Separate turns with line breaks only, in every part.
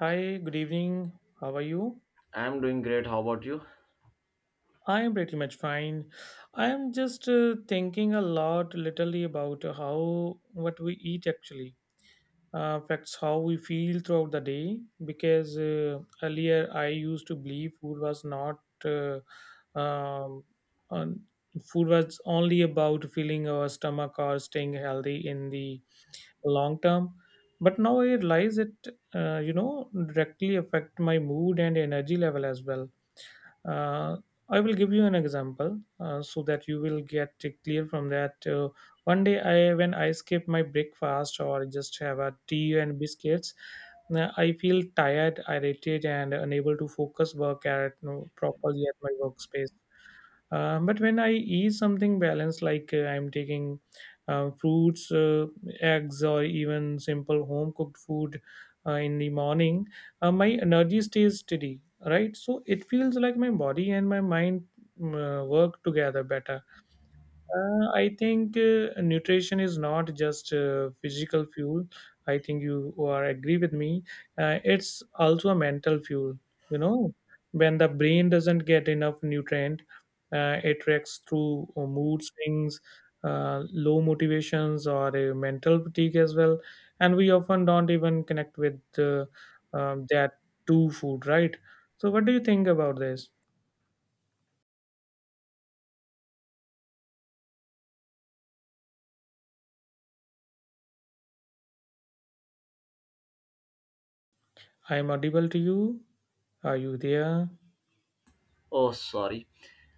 Hi, good evening. How are you?
I'm doing great. How about you?
I'm pretty much fine. I'm just thinking a lot literally about how what we eat actually affects how we feel throughout the day because earlier I used to believe food was not um, on, food was only about filling our stomach or staying healthy in the long term, but now I realize it uh, you know directly affect my mood and energy level as well. Uh, I will give you an example so that you will get it clear from that. One day, I when I skip my breakfast or just have a tea and biscuits, I feel tired, irritated, and unable to focus work at, you know, properly at my workspace. But when I eat something balanced, like I'm taking fruits, eggs, or even simple home cooked food in the morning, my energy stays steady, right? So it feels like my body and my mind work together better. I think nutrition is not just physical fuel. I think you are agree with me. It's also a mental fuel. You know, when the brain doesn't get enough nutrient, it reacts through mood swings, low motivations, or mental fatigue as well. And we often don't even connect with that to food, right? So, what do you think about this? I'm audible to you. Are you there?
Oh, sorry.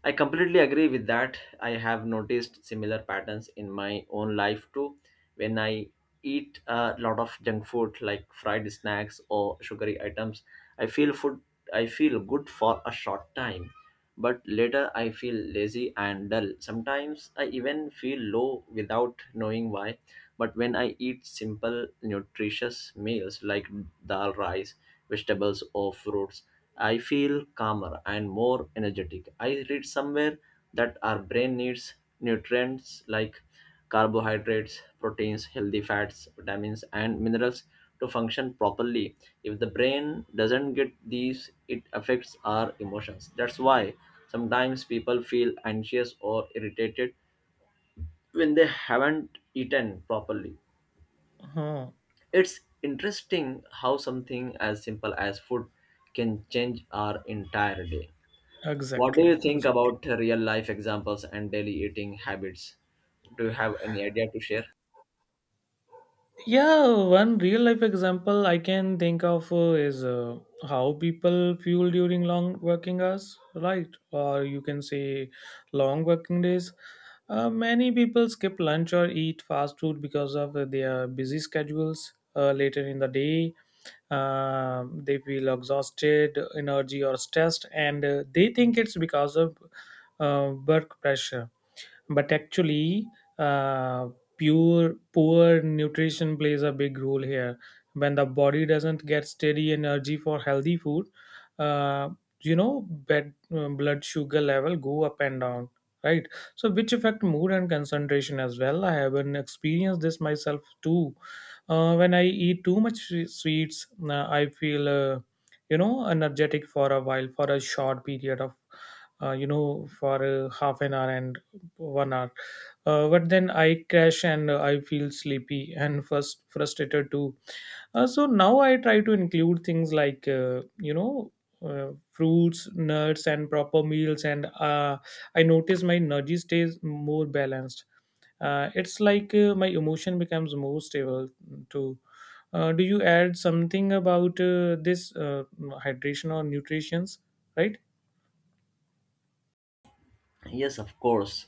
I completely agree with that. I have noticed similar patterns in my own life too. When I eat a lot of junk food like fried snacks or sugary items, I feel food I feel good for a short time, but later I feel lazy and dull. Sometimes I even feel low without knowing why. But when I eat simple, nutritious meals like dal, rice, vegetables, or fruits, I feel calmer and more energetic. I read somewhere that our brain needs nutrients like carbohydrates, proteins, healthy fats, vitamins, and minerals to function properly. If the brain doesn't get these, it affects our emotions. That's why sometimes people feel anxious or irritated when they haven't eaten properly.
Huh.
It's interesting how something as simple as food can change our entire day. What do you
Exactly,
think
exactly.
about real life examples and daily eating habits? Do you have any idea to share?
Yeah, one real life example I can think of is how people fuel during long working hours, right? Or you can say long working days. Many people skip lunch or eat fast food because of their busy schedules later in the day. Um, they feel exhausted, energy, or stressed, and they think it's because of work pressure, but actually uh, pure poor nutrition plays a big role here. When the body doesn't get steady energy for healthy food, uh, you know, bed, blood sugar level go up and down, right? So which affect mood and concentration as well. I haven't experienced this myself too. When I eat too much sweets, I feel energetic for a while, for a short period of you know for half an hour and one hour. But then I crash and I feel sleepy and first frustrated too. So now I try to include things like fruits, nuts, and proper meals. And I notice my energy stays more balanced. It's like my emotion becomes more stable too. Do you add something about this hydration or nutritions? Right,
Yes, of course.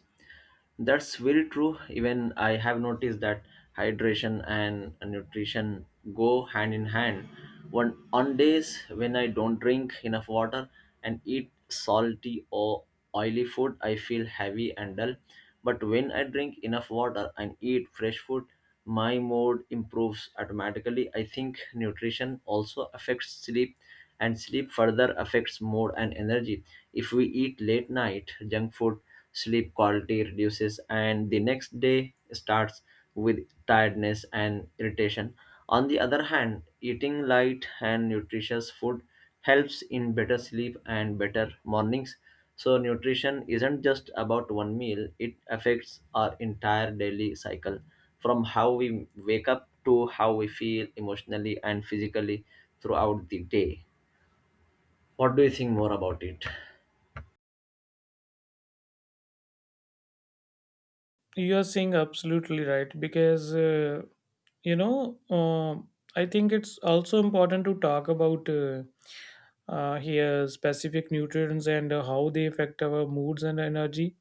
That's very true. Even I have noticed that hydration and nutrition go hand in hand. One on days when I don't drink enough water and eat salty or oily food, I feel heavy and dull. But when I drink enough water and eat fresh food, my mood improves automatically. I think nutrition also affects sleep, and sleep further affects mood and energy. If we eat late night junk food, sleep quality reduces, and the next day starts with tiredness and irritation. On the other hand, eating light and nutritious food helps in better sleep and better mornings. So, nutrition isn't just about one meal, it affects our entire daily cycle from how we wake up to how we feel emotionally and physically throughout the day. What do you think more about it?
you are saying absolutely right because. You know um, I think it's also important to talk about here specific nutrients and how they affect our moods and energy.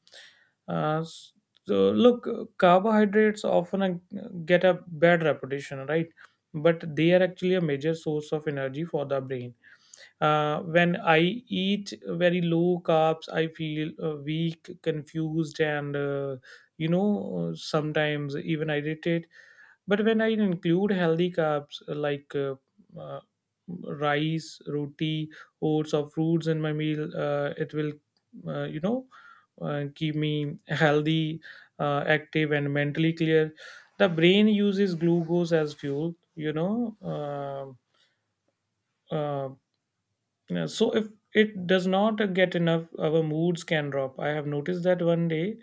Uh, s- so look uh, carbohydrates often get a bad reputation, right? But they are actually a major source of energy for the brain. When I eat very low carbs, I feel weak, confused, and, you know, sometimes even irritated. But when I include healthy carbs like uh, rice, roti, oats, or fruits in my meal, it will, uh, you know, keep me healthy, active, and mentally clear. The brain uses glucose as fuel, you know. Uh, yeah, so if it does not get enough, our moods can drop. I have noticed that one day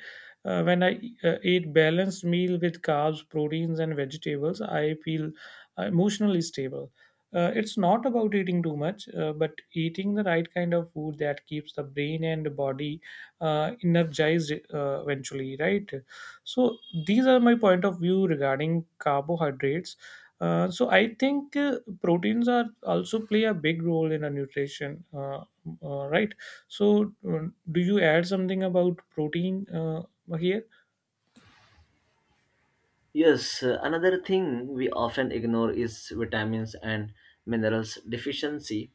when I eat balanced meal with carbs, proteins, and vegetables, I feel emotionally stable. It's not about eating too much, but eating the right kind of food that keeps the brain and the body energized eventually, right? So, these are my point of view regarding carbohydrates. So I think proteins are also play a big role in our nutrition, right? So do you add something about protein here?
Yes, another thing we often ignore is vitamins and minerals deficiency.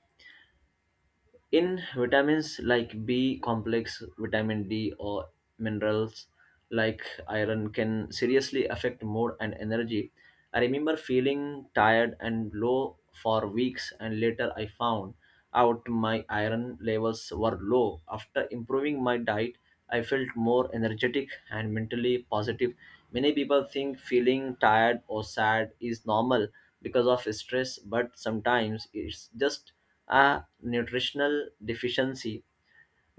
In vitamins like B complex, vitamin D, or minerals like iron can seriously affect mood and energy. I remember feeling tired and low for weeks, and later I found out my iron levels were low. After improving my diet, I felt more energetic and mentally positive. Many people think feeling tired or sad is normal because of stress, but sometimes it's just a nutritional deficiency.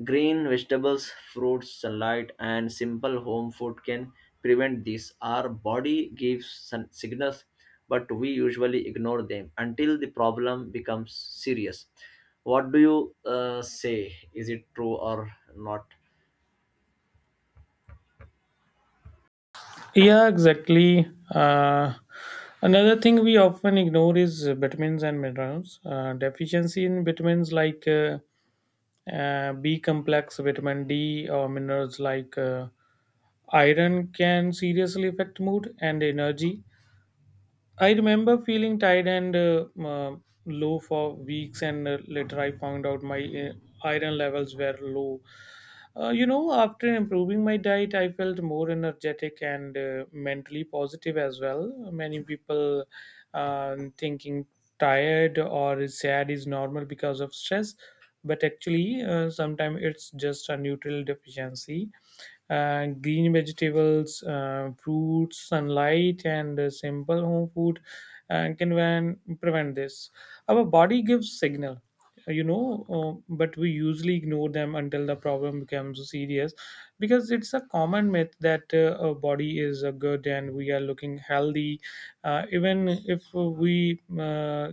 Green vegetables, fruits, sunlight, and simple home food can prevent this. Our body gives signals, but we usually ignore them until the problem becomes serious. What do you say? Is it true or not?
Yeah, exactly. Another thing we often ignore is vitamins and minerals. Deficiency in vitamins like B complex, vitamin D, or minerals like iron can seriously affect mood and energy. I remember feeling tired and low for weeks, and later I found out my iron levels were low. You know, after improving my diet, I felt more energetic and mentally positive as well. Many people thinking tired or sad is normal because of stress, but actually, sometimes it's just a neutral deficiency. Green vegetables, fruits, sunlight, and simple home food can prevent this. Our body gives signal, you know, but we usually ignore them until the problem becomes serious, because it's a common myth that our body is good and we are looking healthy, even if we.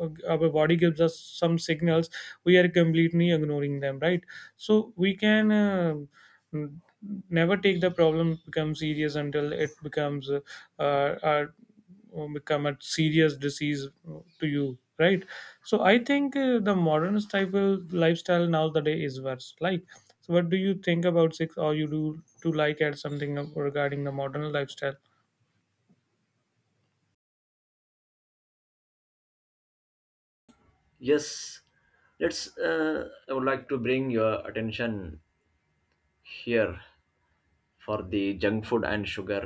Our body gives us some signals, we are completely ignoring them, right? So we can Mm, never take the problem become serious until it becomes uh, become a serious disease to you, right? So I think the modern type of lifestyle nowadays is worse, like, so what do you think about six or you do to, like, add something regarding the modern lifestyle?
Yes, let's. I would like to bring your attention here, for the junk food and sugar,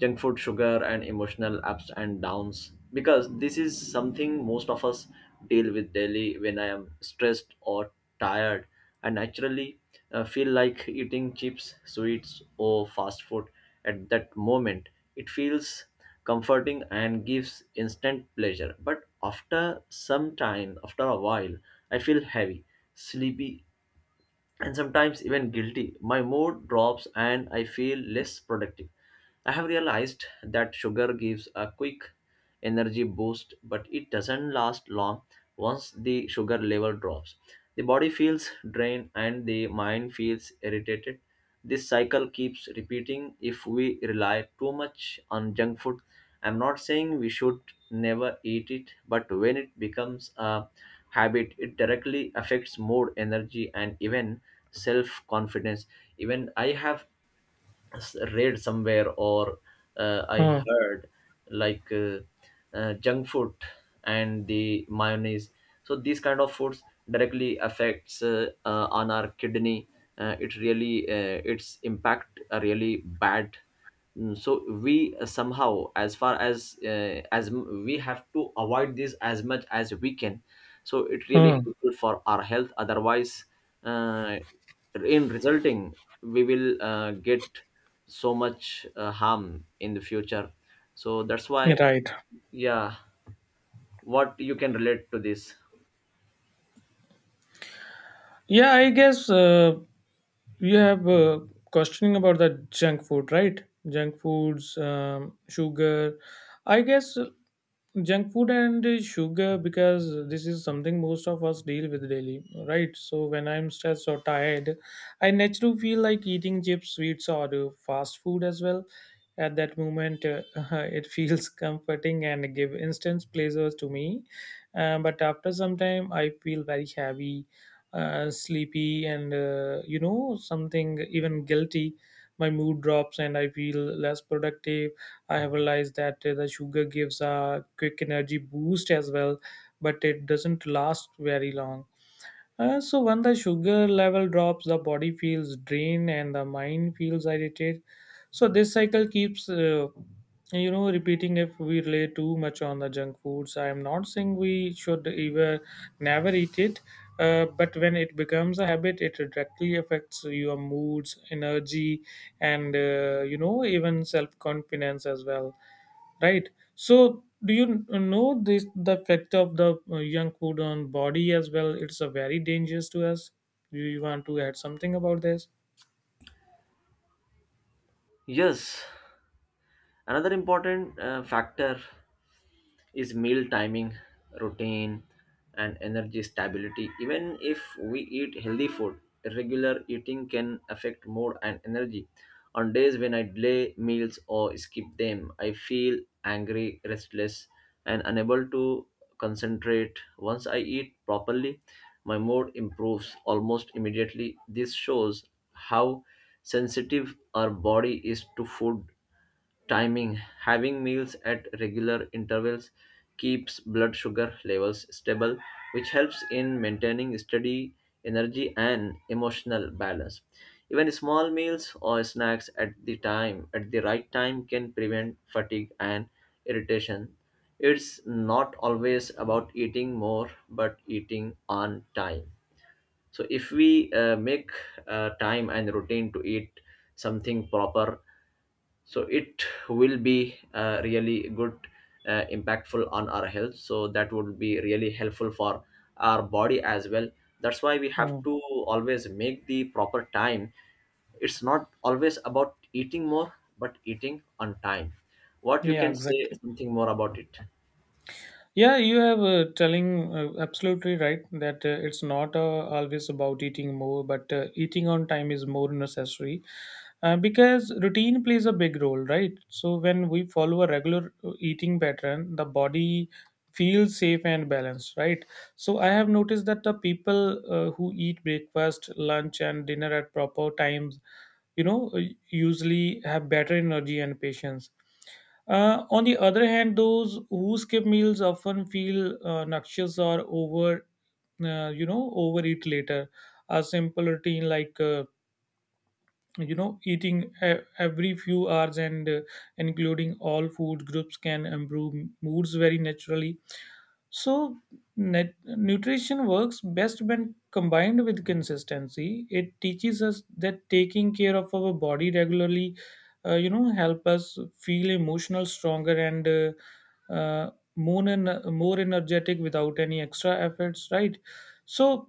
junk food sugar and emotional ups and downs, because this is something most of us deal with daily. When I am stressed or tired, I naturally feel like eating chips, sweets, or fast food. At that moment it feels comforting and gives instant pleasure, but after some time, after a while, I feel heavy, sleepy, and sometimes even guilty. My mood drops and I feel less productive. I have realized that sugar gives a quick energy boost, but it doesn't last long once the sugar level drops. The body feels drained and the mind feels irritated. This cycle keeps repeating if we rely too much on junk food. I'm not saying we should never eat it, but when it becomes a habit, it directly affects mood, energy, and even self confidence. Even I have read somewhere or I
Hmm.
heard like junk food and the mayonnaise. So these kind of foods directly affects on our kidney. It really its impact are really bad. Mm, so we somehow, as far as we have to avoid this as much as we can. So it really
Hmm.
helpful for our health. Otherwise, uh, in resulting, we will get so much harm in the future, so that's why.
Right.
Yeah, what you can relate to this?
Yeah, I guess you have questioning about the junk food, right? junk foods um, sugar i guess Junk food and sugar, because this is something most of us deal with daily, right? So when I'm stressed or tired, I naturally feel like eating chips, sweets, or fast food as well. At that moment, it feels comforting and give instant pleasures to me. But after some time I feel very heavy, sleepy, and, you know, something even guilty. My mood drops and I feel less productive. I have realized that the sugar gives a quick energy boost as well, but it doesn't last very long. So when the sugar level drops, the body feels drained and the mind feels irritated. So this cycle keeps, repeating if we rely too much on the junk foods. I am not saying we should ever never eat it, but when it becomes a habit, it directly affects your moods, energy, and, you know, even self confidence as well, right? So do you know this the effect of the young food on body as well? It's a very dangerous to us. Do you want to add something about this?
Yes, another important factor is meal timing, routine, and energy stability. Even if we eat healthy food, irregular eating can affect mood and energy. On days when I delay meals or skip them, I feel angry, restless, and unable to concentrate. Once I eat properly, my mood improves almost immediately. This shows how sensitive our body is to food timing. Having meals at regular intervals keeps blood sugar levels stable, which helps in maintaining steady energy and emotional balance. Even small meals or snacks at the right time can prevent fatigue and irritation. It's not always about eating more but eating on time. So if we make time and routine to eat something proper, so it will be really good, impactful on our health, so that would be really helpful for our body as well. That's why we have
Mm.
to always make the proper time. It's not always about eating more but eating on time. What you
Yeah,
can say
exactly.
something more about it?
Yeah, you have telling absolutely right that it's not always about eating more, but eating on time is more necessary, because routine plays a big role, right? So when we follow a regular eating pattern, the body feels safe and balanced, right? So I have noticed that the people who eat breakfast, lunch, and dinner at proper times, you know, uh, usually have better energy and patience. On the other hand, those who skip meals often feel noxious or over, overeat later. A simple routine like, eating every few hours, and including all food groups can improve moods very naturally. So nutrition works best when combined with consistency. It teaches us that taking care of our body regularly help us feel emotional stronger and more energetic without any extra efforts, right? So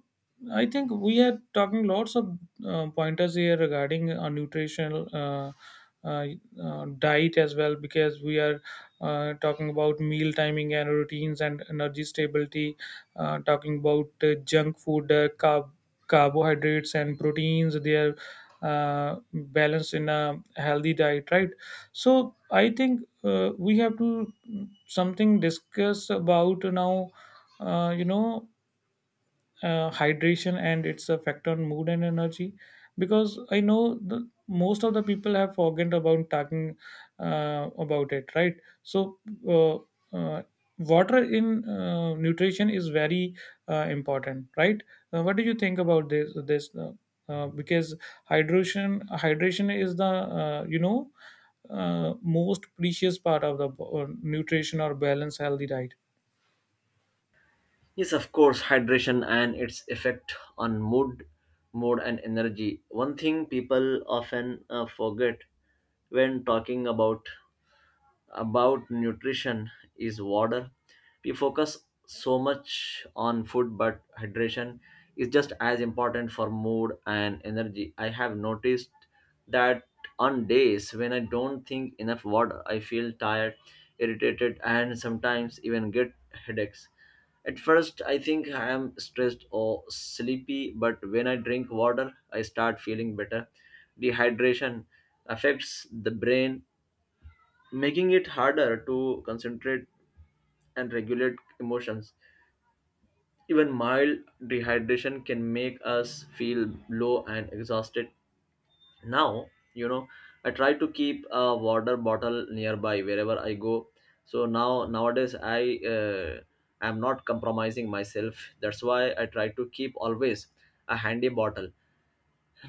I think we are talking lots of pointers here regarding nutritional uh, diet as well, because we are talking about meal timing and routines and energy stability, talking about junk food, carbohydrates and proteins. They are balanced in a healthy diet, right? So I think we have to something discuss about now. Uh, you know Hydration and its effect on mood and energy, because I know the most of the people have forgotten about talking about it, right? So uh, uh, water in nutrition is very important, right? What do you think about this because hydration is the, uh, you know most precious part of the nutrition or balance healthy diet.
Yes, of course, hydration and its effect on mood and energy. One thing people often forget when talking about nutrition is water. We focus so much on food, but hydration is just as important for mood and energy. I have noticed that on days when I don't think enough water, I feel tired, irritated, and sometimes even get headaches. At first, I think I am stressed or sleepy, but when I drink water, I start feeling better. Dehydration affects the brain, making it harder to concentrate and regulate emotions. Even mild dehydration can make us feel low and exhausted. Now, you know, I try to keep a water bottle nearby wherever I go. So now nowadays I am not compromising myself. That's why I try to keep always a handy bottle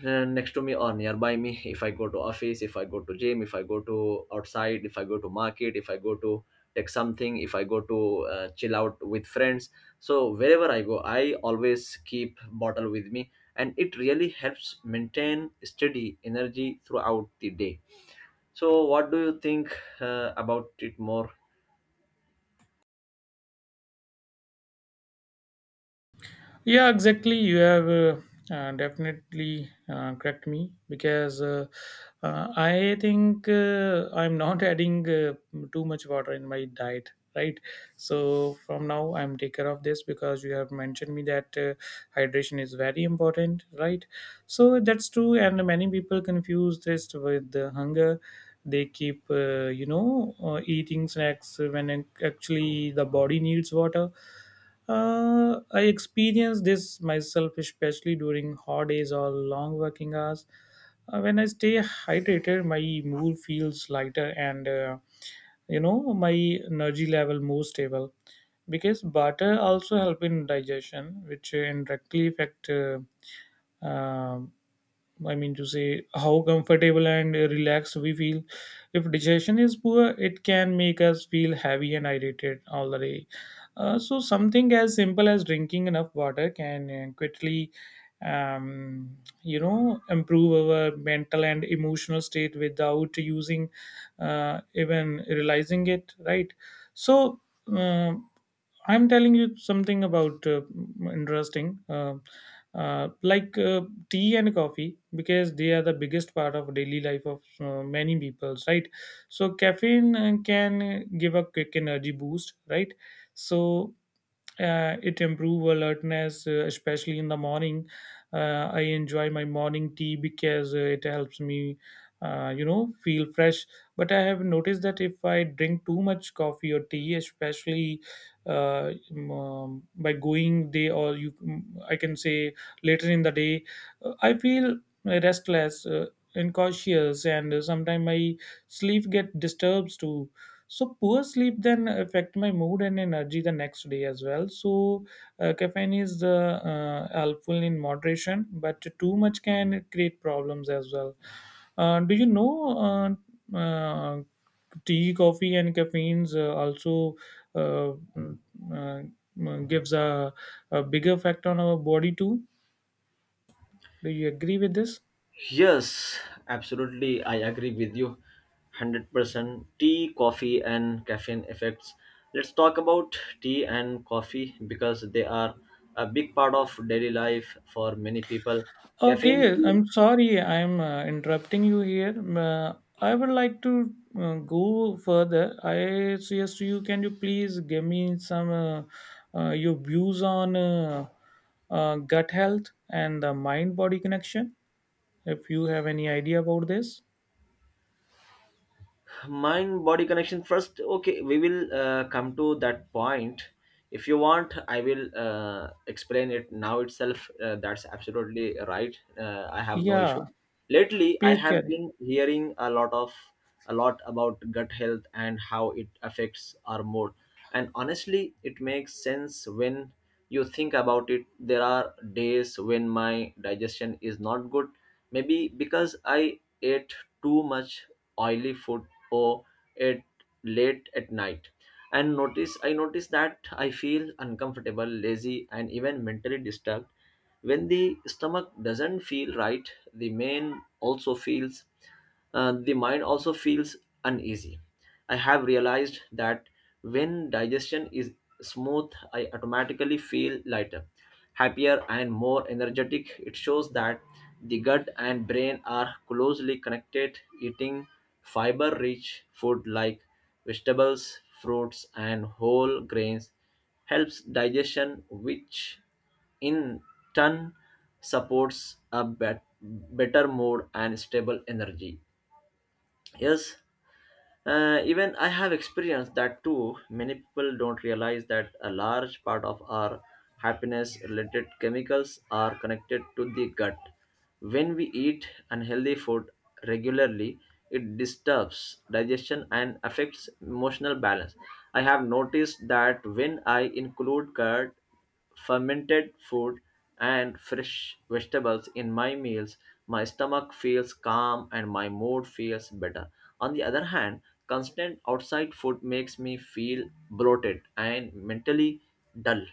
next to me or nearby me, if I go to office, if I go to gym, if I go to outside, if I go to market, if I go to take something, if I go to chill out with friends. So wherever I go, I always keep bottle with me, and it really helps maintain steady energy throughout the day. So what do you think about it more?
Yeah, exactly. You have definitely correct me because I think I'm not adding too much water in my diet, right? So from now I'm take care of this, because you have mentioned me that hydration is very important, right? So that's true, and many people confuse this with hunger. They keep, eating snacks when actually the body needs water. I experience this myself, especially during hot days or long working hours. When I stay hydrated, my mood feels lighter and my energy level more stable. Because butter also help in digestion, which indirectly affect uh, I mean to say how comfortable and relaxed we feel. If digestion is poor, it can make us feel heavy and irritated all the day. So something as simple as drinking enough water can quickly, um, improve our mental and emotional state without using, even realizing it. Right. So. um I'm telling you something about interesting, like tea and coffee, because they are the biggest part of daily life of many people, right? So caffeine can give a quick energy boost, right? So it improve alertness especially in the morning. I enjoy my morning tea because it helps me feel fresh. But I have noticed that if I drink too much coffee or tea especially by going day or you I can say later in the day, I feel restless, and cautious, and sometimes my sleep get disturbs too. So poor sleep then affect my mood and energy the next day as well. So caffeine is the helpful in moderation, but too much can create problems as well. Do you know uh, uh, tea, coffee, and caffeines also uh, uh, gives a big effect on our body too? Do you agree with this?
Yes, absolutely. I agree with you 100%. Tea, coffee, and caffeine effects. Let's talk about tea and coffee because they are a big part of daily life for many people. Caffeine
Okay, I'm sorry, I'm interrupting you here. I would like to go further. I suggest you Can you please give me some your views on gut health and the mind body connection. If you have any idea about this,
mind body connection first, okay, we will come to that point. If you want, I will explain it now itself. That's absolutely right. I have no
yeah,
issue. Lately I
please
have
carry.
been hearing a lot about gut health and how it affects our mood. And honestly, it makes sense. When you think about it, there are days when my digestion is not good, maybe because I ate too much oily food or at late at night, and notice that I feel uncomfortable, lazy, and even mentally disturbed. When the stomach doesn't feel right, the mind also feels uneasy. I have realized that when digestion is smooth, I automatically feel lighter, happier, and more energetic. It shows that the gut and brain are closely connected. Eating fiber rich food like vegetables, fruits, and whole grains helps digestion, which in turn supports a better mood and stable energy. Yes, even I have experienced that too. Many people don't realize that a large part of our happiness related chemicals are connected to the gut. When we eat unhealthy food regularly, it disturbs digestion and affects emotional balance. I have noticed that when I include curd, fermented food, and fresh vegetables in my meals, my stomach feels calm and my mood feels better. On the other hand, constant outside food makes me feel bloated and mentally dull.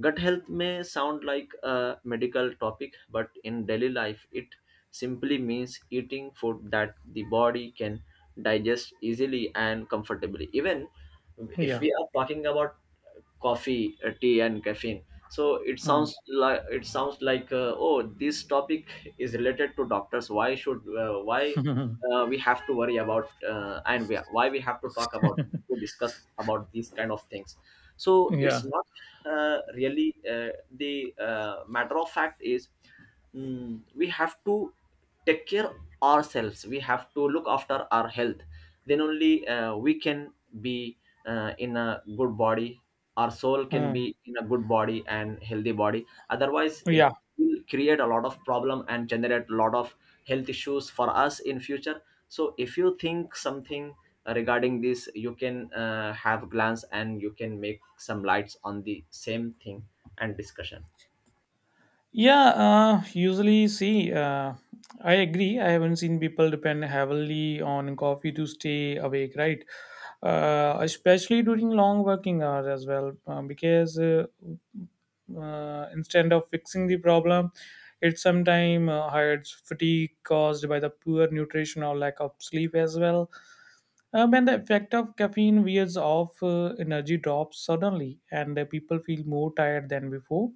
Gut health may sound like a medical topic, but in daily life, it simply means eating food that the body can digest easily and comfortably. Even if
Yeah.
we are talking about coffee, tea, and caffeine. So
Mm.
it sounds like oh, this topic is related to doctors. Why we have to worry about and why we have to talk about to discuss about these kind of things? So it's
Yeah.
not really the matter of fact is, mm, we have to take care ourselves. We have to look after our health. Then only we can be in a good body, our soul can
Mm.
be in a good body and healthy body, otherwise it
Yeah.
will create a lot of problem and generate a lot of health issues for us in future. So if you think something regarding this, you can have glance and you can make some lights on the same thing and discussion.
Yeah, usually see, I agree. I haven't seen people depend heavily on coffee to stay awake, right? Especially during long working hours as well, because instead of fixing the problem, it sometimes hides fatigue caused by the poor nutrition or lack of sleep as well. When the effect of caffeine wears off, energy drops suddenly, and people feel more tired than before.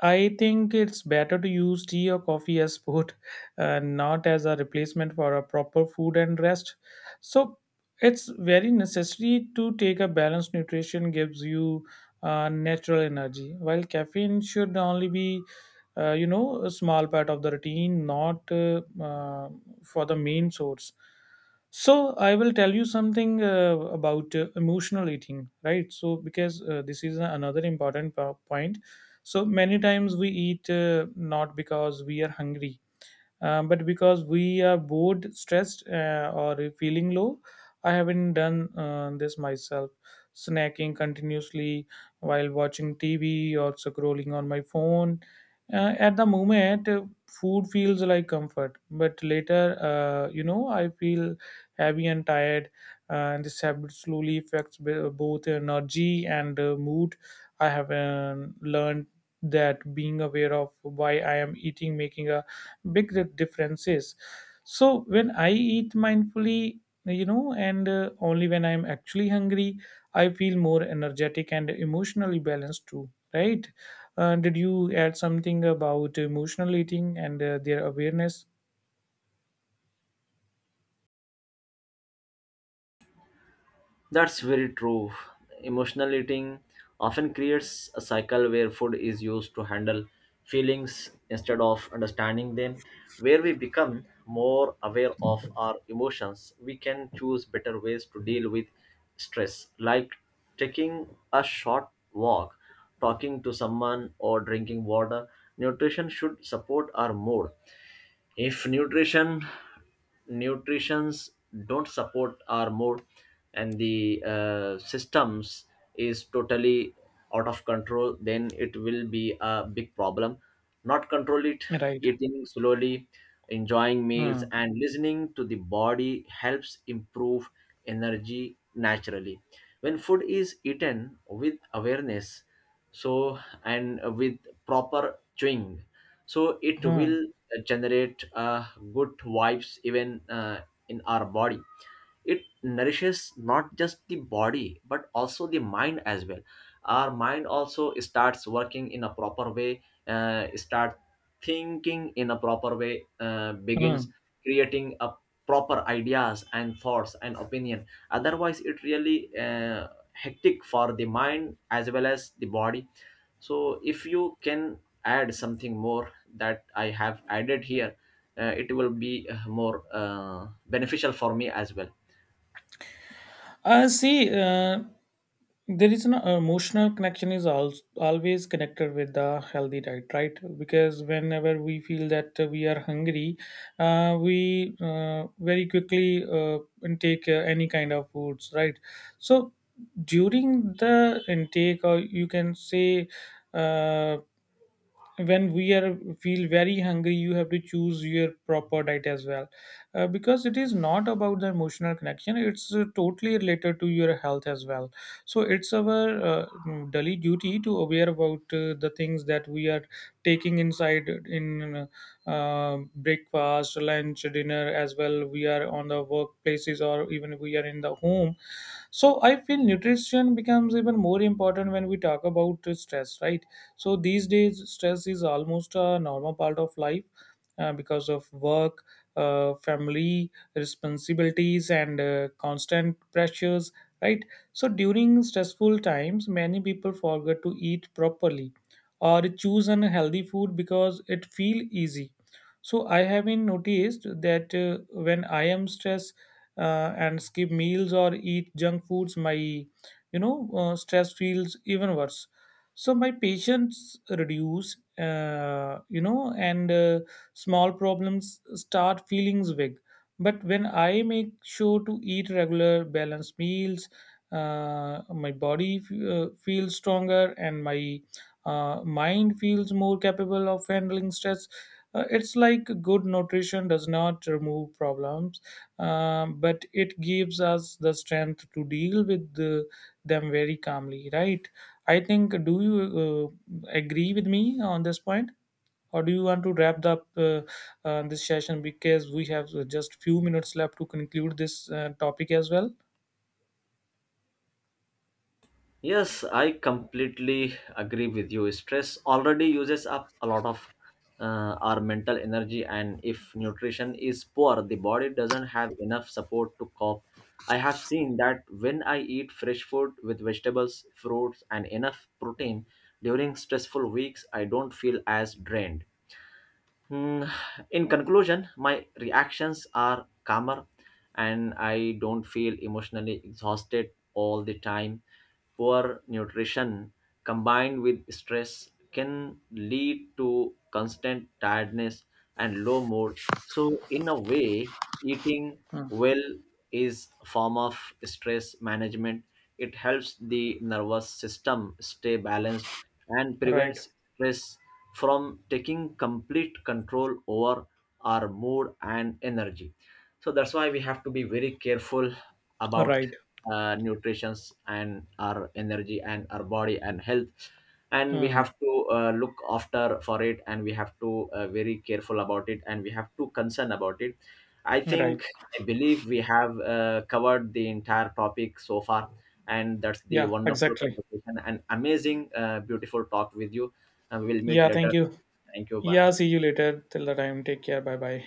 I think it's better to use tea or coffee as food, not as a replacement for a proper food and rest. So it's very necessary to take a balanced nutrition gives you natural energy, while caffeine should only be, a small part of the routine, not for the main source. So I will tell you something about emotional eating, right? So because this is another important point. So many times we eat not because we are hungry, but because we are bored, stressed, or feeling low. I haven't done this myself. Snacking continuously while watching TV or scrolling on my phone. At the moment, food feels like comfort, but later, I feel heavy and tired. And this habit slowly affects both energy and mood. I have learned that being aware of why I am eating, making a big differences. So when I eat mindfully, and only when I'm actually hungry, I feel more energetic and emotionally balanced too, right? Did you add something about emotional eating and their awareness?
That's very true. Emotional eating often creates a cycle where food is used to handle feelings instead of understanding them. Where we become more aware of our emotions, we can choose better ways to deal with stress, like taking a short walk, talking to someone, or drinking water. Nutrition should support our mood. If nutritions don't support our mood, and the systems is totally out of control, then it will be a big problem, not control it.
Right.
Eating slowly, enjoying meals,
Hmm.
and listening to the body helps improve energy naturally. When food is eaten with awareness, so, and with proper chewing, so it
Hmm.
will generate good vibes even in our body. It nourishes not just the body but also the mind as well. Our mind also starts working in a proper way, start thinking in a proper way, begins
Hmm.
creating a proper ideas and thoughts and opinion. Otherwise it really hectic for the mind as well as the body. So if you can add something more that I have added here, it will be more beneficial for me as well.
See, there is an emotional connection is al always connected with the healthy diet, right? Because whenever we feel that we are hungry, we very quickly intake any kind of foods, right? So during the intake, or you can say, uh, when we are feel very hungry, you have to choose your proper diet as well. Because it is not about the emotional connection, it's totally related to your health as well. So it's our daily duty to aware about the things that we are taking inside in breakfast, lunch, dinner as well. We are on the workplaces or even we are in the home. So I feel nutrition becomes even more important when we talk about stress, right? So these days, stress is almost a normal part of life, because of work, family responsibilities, and constant pressures, right? So during stressful times, many people forget to eat properly or choose unhealthy food because it feel easy. So I have been noticed that when I am stressed and skip meals or eat junk foods, my stress feels even worse. So my patience reduce, and small problems start feelings big. But when I make sure to eat regular balanced meals, my body feels stronger and my mind feels more capable of handling stress. It's like good nutrition does not remove problems, but it gives us the strength to deal with them very calmly, right? I think, do you agree with me on this point? Or do you want to wrap up this session because we have just few minutes left to conclude this topic as well?
Yes, I completely agree with you. Stress already uses up a lot of our mental energy, and if nutrition is poor, the body doesn't have enough support to cope. I have seen that when I eat fresh food with vegetables, fruits, and enough protein during stressful weeks, I don't feel as drained. Hmm. In conclusion, my reactions are calmer and I don't feel emotionally exhausted all the time. Poor nutrition combined with stress can lead to constant tiredness and low mood. So, in a way, eating
Hmm.
well is a form of stress management. It helps the nervous system stay balanced and
Right,
prevents stress from taking complete control over our mood and energy. So that's why we have to be very careful about
right.
nutrition and our energy and our body and health, and we
Hmm.
have to look after for it, and we have to very careful about it, and we have to concern about it. I
Right.
think, I believe we have covered the entire topic so far, and that's the
Yeah,
wonderful
exactly.
conversation and amazing beautiful talk with you, and we'll meet
Yeah, thank
later.
you.
Thank you. Bye.
Yeah, see you later. Till the time, take care. Bye bye.